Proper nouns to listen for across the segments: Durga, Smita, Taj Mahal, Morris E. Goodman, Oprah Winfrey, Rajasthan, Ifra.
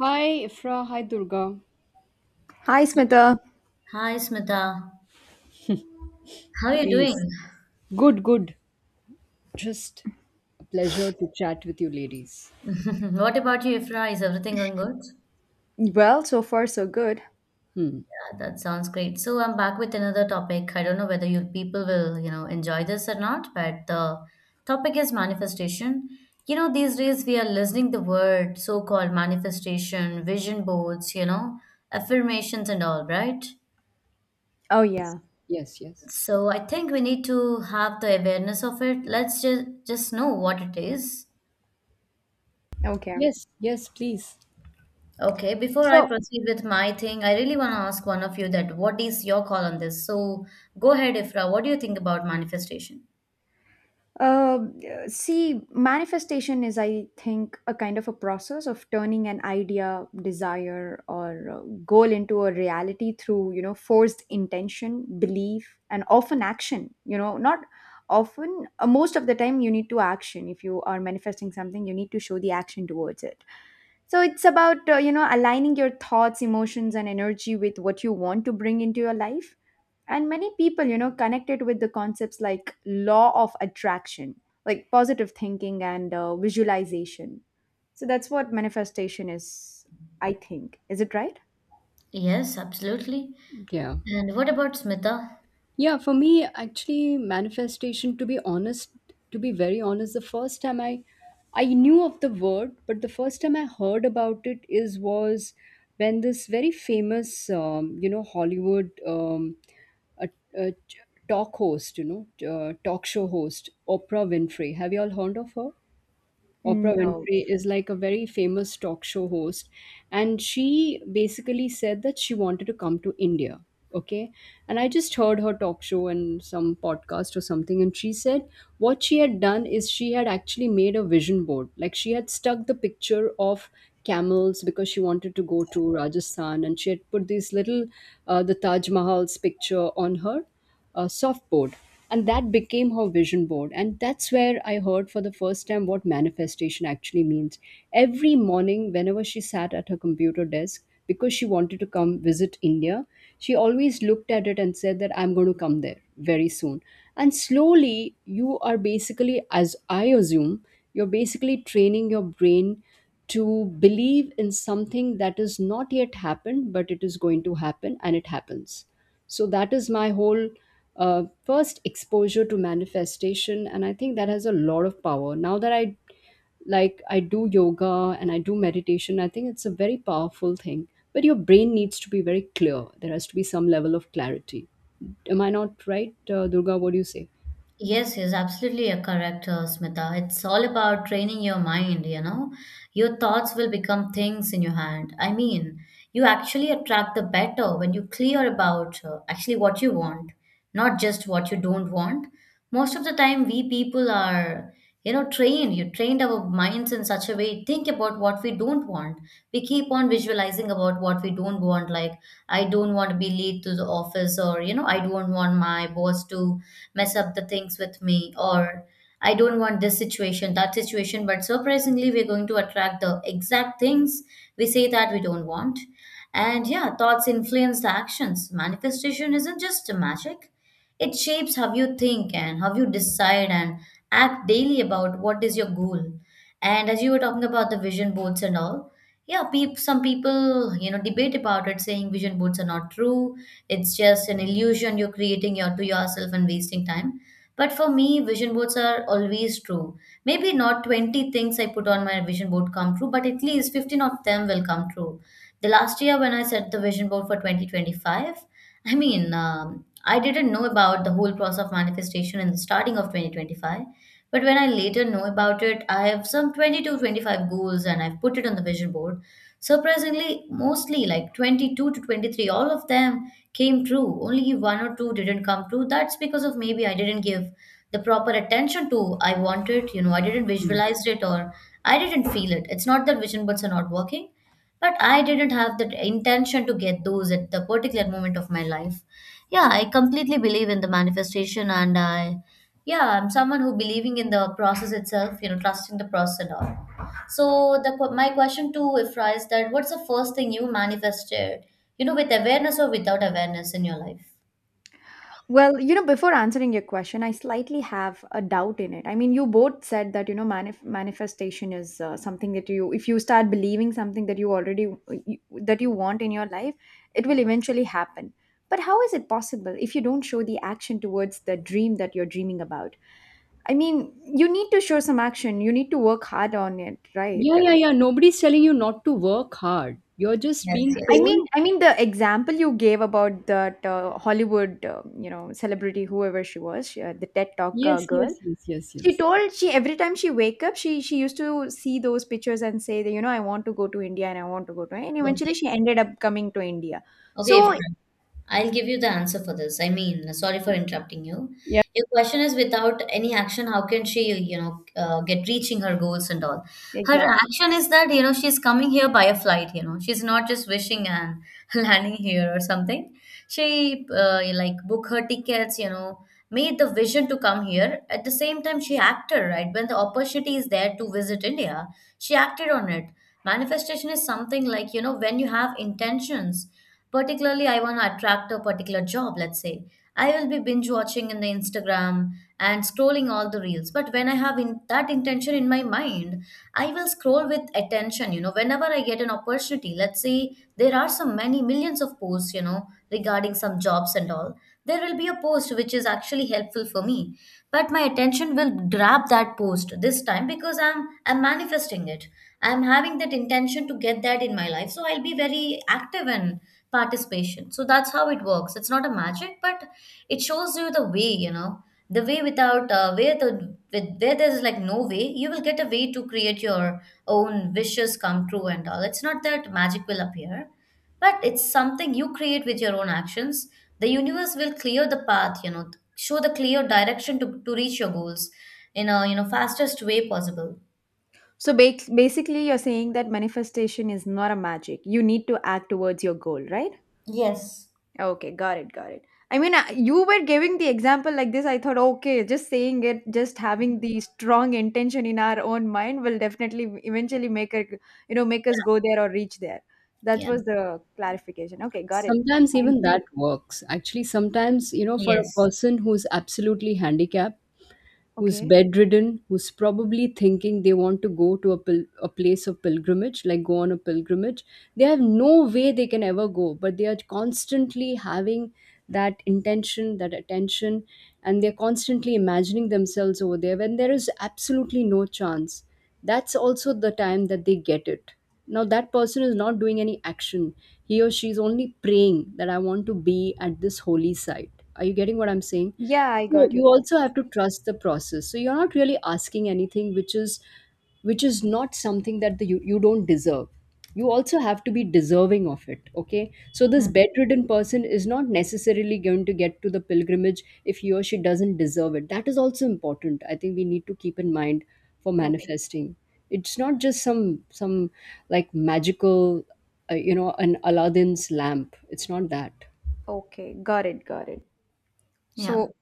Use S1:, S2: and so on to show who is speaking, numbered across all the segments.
S1: Hi, Ifra. Hi, Durga.
S2: Hi, Smita.
S3: Hi, Smita. How are you doing?
S1: Please. Good, good. Just a pleasure to chat with you, ladies.
S3: What about you, Ifra? Is everything going good?
S2: Well, so far, so good.
S1: Hmm.
S3: Yeah, that sounds great. So I'm back with another topic. I don't know whether you people will, you know, enjoy this or not, but the topic is manifestation. You know, these days we are listening the word so-called manifestation, vision boards, you know, affirmations and all, right?
S2: Oh, yeah.
S1: Yes, yes.
S3: So I think we need to have the awareness of it. Let's just know what it is.
S2: Okay.
S1: Yes, yes, please.
S3: Okay, before I
S2: So,
S3: proceed with my thing, I really want to ask one of you that what is your call on this? So go ahead, Ifra. What do you think about manifestation?
S2: uh, see, manifestation is, I think, a kind of a process of turning an idea, desire, or goal into a reality through, forced intention, belief, and often action. Not often, most of the time, you need to action. If you are manifesting something, you need to show the action towards it. So it's about aligning your thoughts, emotions, and energy with what you want to bring into your life. And many people, connected with the concepts like law of attraction, like positive thinking and visualization. So that's what manifestation is, I think. Is it right?
S3: Yes, absolutely.
S1: Yeah.
S3: And what about Smita?
S1: Yeah, for me, actually, manifestation, to be honest, to be very honest, the first time I knew of the word, but the first time I heard about it is was when this very famous Hollywood a, a talk show host, Oprah Winfrey. Have you all heard of her? Oprah
S2: No.
S1: Winfrey is like a very famous talk show host, and she basically said that she wanted to come to India. Okay. And I just heard her talk show and some podcast or something. And she said what she had done is she had actually made a vision board. Like she had stuck the picture of camels because she wanted to go to Rajasthan, and she had put these little the Taj Mahal's picture on her a soft board. And that became her vision board, and that's where I heard for the first time what manifestation actually means. Every morning, whenever she sat at her computer desk because she wanted to come visit India, she always looked at it and said that I'm going to come there very soon. And slowly, you are basically, as I assume, you're basically training your brain to believe in something that is not yet happened, but it is going to happen. And it happens. So that is my whole first exposure to manifestation, and I think that has a lot of power. Now that I, like, I do yoga and I do meditation, I think it's a very powerful thing. But your brain needs to be very clear. There has to be some level of clarity. Am I not right, Durga? What do you say?
S3: Yes, yes, absolutely you correct, Smita. It's all about training your mind, you know. Your thoughts will become things in your hand. I mean, you actually attract the better when you clear about actually what you want, not just what you don't want. Most of the time, we people are, you know, trained. You trained our minds in such a way, think about what we don't want. We keep on visualizing about what we don't want, like, I don't want to be late to the office, or, you know, I don't want my boss to mess up the things with me or I don't want this situation, that situation. But surprisingly, we're going to attract the exact things we say that we don't want. And yeah, thoughts influence the actions. Manifestation isn't just a magic, it shapes how you think and how you decide and act daily about what is your goal. And as you were talking about the vision boards and all, yeah, some people, you know, debate about it, saying vision boards are not true, it's just an illusion you're creating your, to yourself and wasting time. But for me, vision boards are always true. Maybe not 20 things I put on my vision board come true, but at least 15 of them will come true. The last year when I set the vision board for 2025, I mean, I didn't know about the whole process of manifestation in the starting of 2025. But when I later know about it, I have some 20 to 25 goals and I've put it on the vision board. Surprisingly, mostly like 22 to 23, all of them came true. Only one or two didn't come true. That's because of maybe I didn't give the proper attention to I wanted, you know, I didn't
S1: Mm.
S3: visualize it or I didn't feel it. It's not that vision boards are not working, but I didn't have the intention to get those at the particular moment of my life. Yeah, I completely believe in the manifestation, and I yeah, I'm someone who believing in the process itself, you know, trusting the process and all. So the my question to Ifra is that what's the first thing you manifested, you know, with awareness or without awareness in your life?
S2: Well, before answering your question, I slightly have a doubt in it. I mean, you both said that, manifestation is something that if you start believing something that you already, you, that you want in your life, it will eventually happen. But how is it possible if you don't show the action towards the dream that you're dreaming about? I mean, you need to show some action. You need to work hard on it, right?
S1: Yeah, yeah, yeah. Nobody's telling you not to work hard. You're just
S3: Yes,
S1: being
S2: I
S3: yes.
S1: told.
S2: mean, I mean the example you gave about that Hollywood celebrity, whoever she was, the TED Talk
S1: Yes,
S2: girl.
S1: yes, yes, yes,
S2: She
S1: yes.
S2: told, she every time she wake up, she used to see those pictures and say that I want to go to India, and I want to go to, and eventually
S3: Okay.
S2: she ended up coming to India.
S3: Okay,
S2: So
S3: Ifra, I'll give you the answer for this. I mean, sorry for interrupting you.
S1: Yeah.
S3: Your question is without any action, how can she, you know, get reaching her goals and all? Her
S2: exactly.
S3: action is that, you know, she's coming here by a flight, you know, she's not just wishing and landing here or something. She, like, book her tickets, you know, made the vision to come here. At the same time, she acted, right? When the opportunity is there to visit India, she acted on it. Manifestation is something like, you know, when you have intentions. Particularly, I want to attract a particular job, let's say. I will be binge watching in the Instagram and scrolling all the reels. But when I have in that intention in my mind, I will scroll with attention, you know, whenever I get an opportunity. Let's say there are so many millions of posts, you know, regarding some jobs and all. There will be a post which is actually helpful for me. But my attention will grab that post this time because I'm manifesting it. I'm having that intention to get that in my life. So I'll be very active and participation. So that's how it works. It's not a magic, but it shows you the way, you know, the way without where there's like no way, you will get a way to create your own wishes come true and all. It's not that magic will appear, but it's something you create with your own actions. The universe will clear the path, you know, show the clear direction to reach your goals in a, you know, fastest way possible.
S2: So basically you're saying that manifestation is not a magic. You need to act towards your goal, right?
S3: Yes.
S2: Okay, got it, got it. I mean, you were giving the example like this. I thought, okay, just saying it, just having the strong intention in our own mind will definitely eventually make it, make us go there or reach there. That
S3: Yeah.
S2: was the clarification. Okay, got it.
S1: Sometimes
S2: Thank
S1: even that
S2: you.
S1: works. Actually, sometimes, for a
S3: Yes.
S1: person who's absolutely handicapped, who's
S2: Okay.
S1: bedridden, who's probably thinking they want to go to a place of pilgrimage, like go on a pilgrimage. They have no way they can ever go, but they are constantly having that intention, that attention, and they're constantly imagining themselves over there when there is absolutely no chance. That's also the time that they get it. Now, that person is not doing any action. He or she is only praying that I want to be at this holy site. Are you getting what I'm saying?
S2: Yeah, I
S1: So
S2: got your
S1: you
S2: point.
S1: also have to trust the process. So you're not really asking anything which is not something that you don't deserve. You also have to be deserving of it. Okay. So this
S2: Mhm.
S1: bedridden person is not necessarily going to get to the pilgrimage if he or she doesn't deserve it. That is also important. I think we need to keep in mind for
S2: Okay.
S1: manifesting. It's not just some like magical, an Aladdin's lamp. It's not that.
S2: Okay, got it, got it.
S3: Yeah.
S2: So,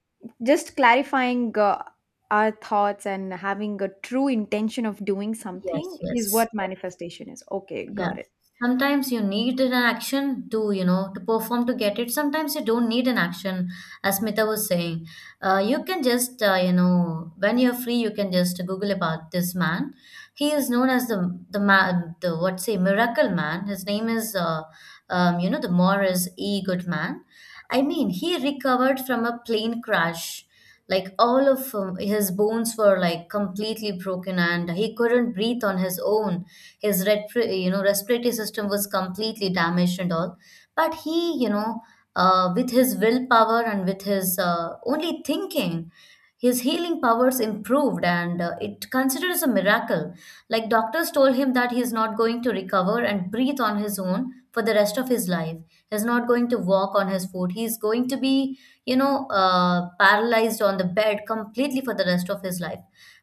S2: just clarifying our thoughts and having a true intention of doing
S3: Yes.
S2: something is
S3: Yes.
S2: what manifestation is. Okay,
S3: Yeah.
S2: got it.
S3: Sometimes you need an action to, you know, to perform to get it. Sometimes you don't need an action, as Smita was saying. You can just, you know, when you're free, you can just Google about this man. He is known as the man, the what say, miracle man. His name is, you know, the Morris E. Goodman. I mean, he recovered from a plane crash. Like all of his bones were like completely broken, and he couldn't breathe on his own, his you know, respiratory system was completely damaged and all. But he, you know, with his willpower and with his only thinking, his healing powers improved, and it considered as a miracle. Like doctors told him that he is not going to recover and breathe on his own for the rest of his life. He is not going to walk on his foot. He is going to be, you know, paralyzed on the bed completely for the rest of his life.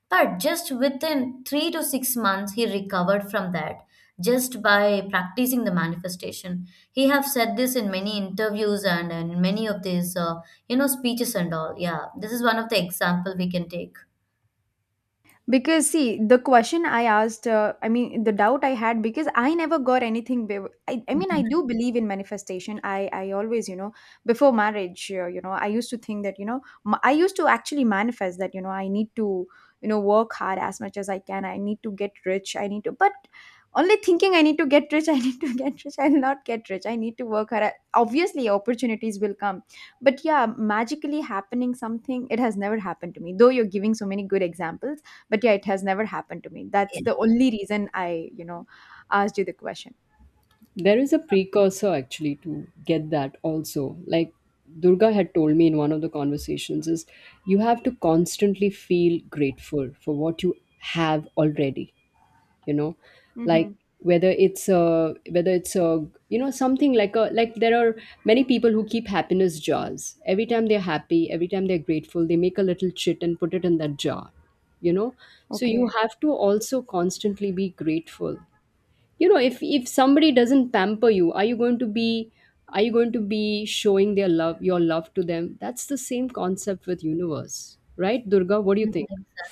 S3: But just within 3 to 6 months, he recovered from that just by practicing the manifestation. He have said this in many interviews and in many of these, you know, speeches and all. Yeah, this is one of the example we can take.
S2: Because see, the question I asked, I mean the doubt I had, because I never got anything I mean I do believe in manifestation. I always, you know, before marriage, I used to think that I used to actually manifest that I need to work hard as much as I can. I need to get rich, I need to, but only thinking I need to get rich I need to get rich, I'll not get rich. I need to work hard. Obviously opportunities will come, but yeah, magically happening something, it has never happened to me, though you're giving so many good examples. But yeah, it has never happened to me. That's the only reason I asked you the question.
S1: There is a precursor actually to get that also. Like Durga had told me in one of the conversations is you have to constantly feel grateful for what you have already, you know? Like
S2: Mm-hmm.
S1: whether it's a, you know, something like a, like, there are many people who keep happiness jars. Every time they're happy, every time they're grateful, they make a little chit and put it in that jar, you know? So you
S2: Okay.
S1: have to also constantly be grateful, you know? If somebody doesn't pamper you, are you going to be are you going to be showing their love your love to them? That's the same concept with universe. Right, Durga? What do you think?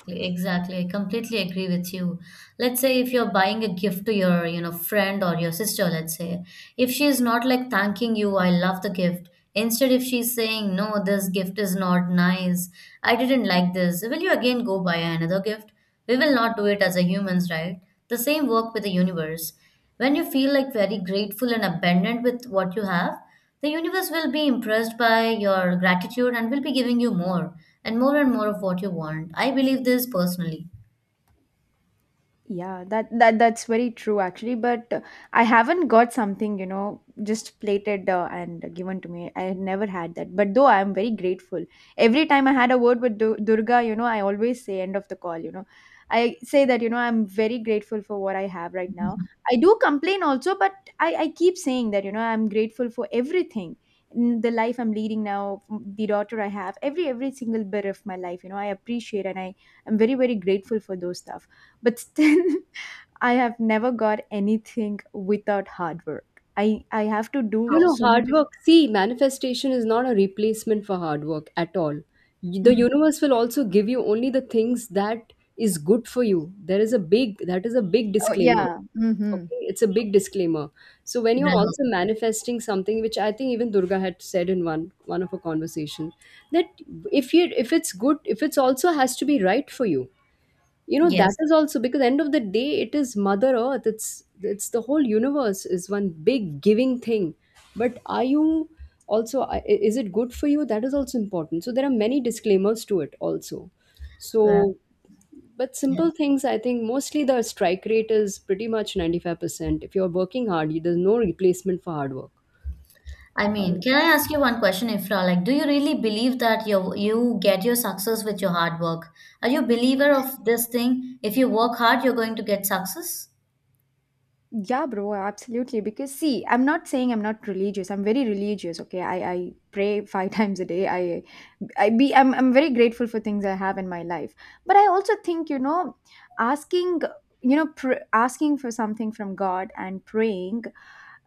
S3: Exactly, exactly. I completely agree with you. Let's say if you're buying a gift to your, you know, friend or your sister, let's say, if she is not like thanking you, I love the gift. Instead, if she's saying, no, this gift is not nice, I didn't like this, will you again go buy another gift? We will not do it as a humans, right? The same work with the universe. When you feel like very grateful and abundant with what you have, the universe will be impressed by your gratitude and will be giving you more and more and more of what you want. I believe this personally.
S2: Yeah, that's very true actually, but I haven't got something, you know, just plated and given to me. I had never had that. But though I am very grateful. Every time I had a word with Durga, I always say end of the call. I say that, I'm very grateful for what I have right now. I do complain also, but I keep saying that, I'm grateful for everything. The life I'm leading now, the daughter I have, every single bit of my life, you know, I appreciate, and I am very very grateful for those stuff, but still I have never got anything without hard work. I have to do
S1: No, no,
S3: Okay.
S2: so much
S1: hard
S2: of...
S1: work. See, manifestation is not a replacement for hard work at all. The
S2: Mhm.
S1: universe will also give you only the things that is good for you. There is a big
S2: Oh
S1: disclaimer.
S2: yeah. Mm-hmm.
S1: Okay, it's a big disclaimer. So when
S3: Well,
S1: you're also manifesting something, which I think even Durga had said in one of her conversation, that if it's good, if it's also has to be right for you. You know, that
S3: yes.
S1: is also because end of the day it is Mother Earth. It's the whole universe is one big giving thing. But are you also is it good for you? That is also important. So there are many disclaimers to it also.
S3: Well,
S1: So but
S3: yeah.
S1: simple things, I think mostly the strike rate is pretty much 95%. If you're working hard, there's no replacement for hard work.
S3: I mean,
S2: Oh,
S3: can I ask you one question, Ifra? Like, do you really believe that you get your success with your hard work? Are you a believer of this thing? If you work hard, you're going to get success?
S2: yeah, bro, absolutely. Because see, I'm not saying I'm not religious. I'm very religious. Okay, I pray five times a day. I be I'm very grateful for things I have in my life. But I also think, asking asking for something from God and praying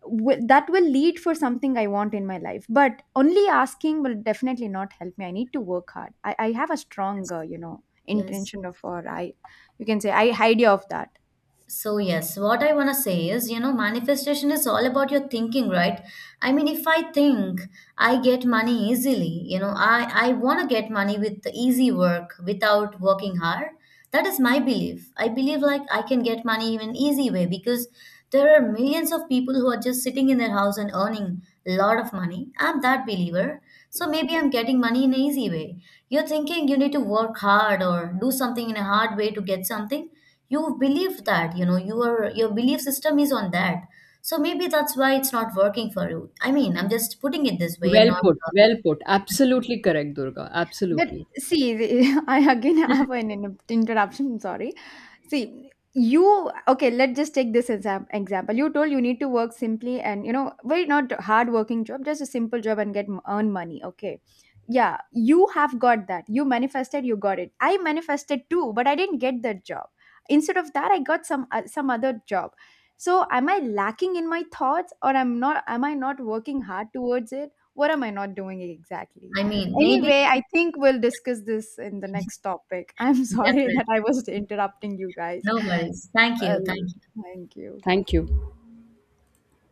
S2: that will lead for something I want in my life. But only asking will definitely not help me. I need to work hard. I have a strong
S3: Yes. Yes.
S2: intention of, or I you can say, I idea of that.
S3: So, yes, what I want to say is, you know, manifestation is all about your thinking, right? I mean, if I think I get money easily, you know, I want to get money with easy work without working hard. That is my belief. I believe like I can get money in an easy way because there are millions of people who are just sitting in their house and earning a lot of money. I'm that believer. So maybe I'm getting money in an easy way. You're thinking you need to work hard or do something in a hard way to get something, you believe that, you know, your belief system is on that, so maybe that's why it's not working for you. I mean, I'm just putting it this way, I'm
S1: Well
S3: not
S1: put, well put. Absolutely correct, Durga.
S2: But
S1: Absolutely.
S2: see, I again have an interruption. Sorry. See, you okay? Let's just take this example. You told you need to work simply and very not hard working job, just a simple job and get earn money. Okay. Yeah, you have got that. You manifested, you got it. I manifested too, but I didn't get that job. Instead of that, I got some other job. So, am I lacking in my thoughts, or am not? Am I not working hard towards it? What am I not doing exactly?
S3: I mean maybe
S2: Anyway, I think we'll discuss this in the next topic. I'm sorry that
S3: definitely.
S2: I was interrupting you guys.
S3: No worries, thank you,
S2: Well,
S3: thank you.
S2: thank you.
S1: Thank you.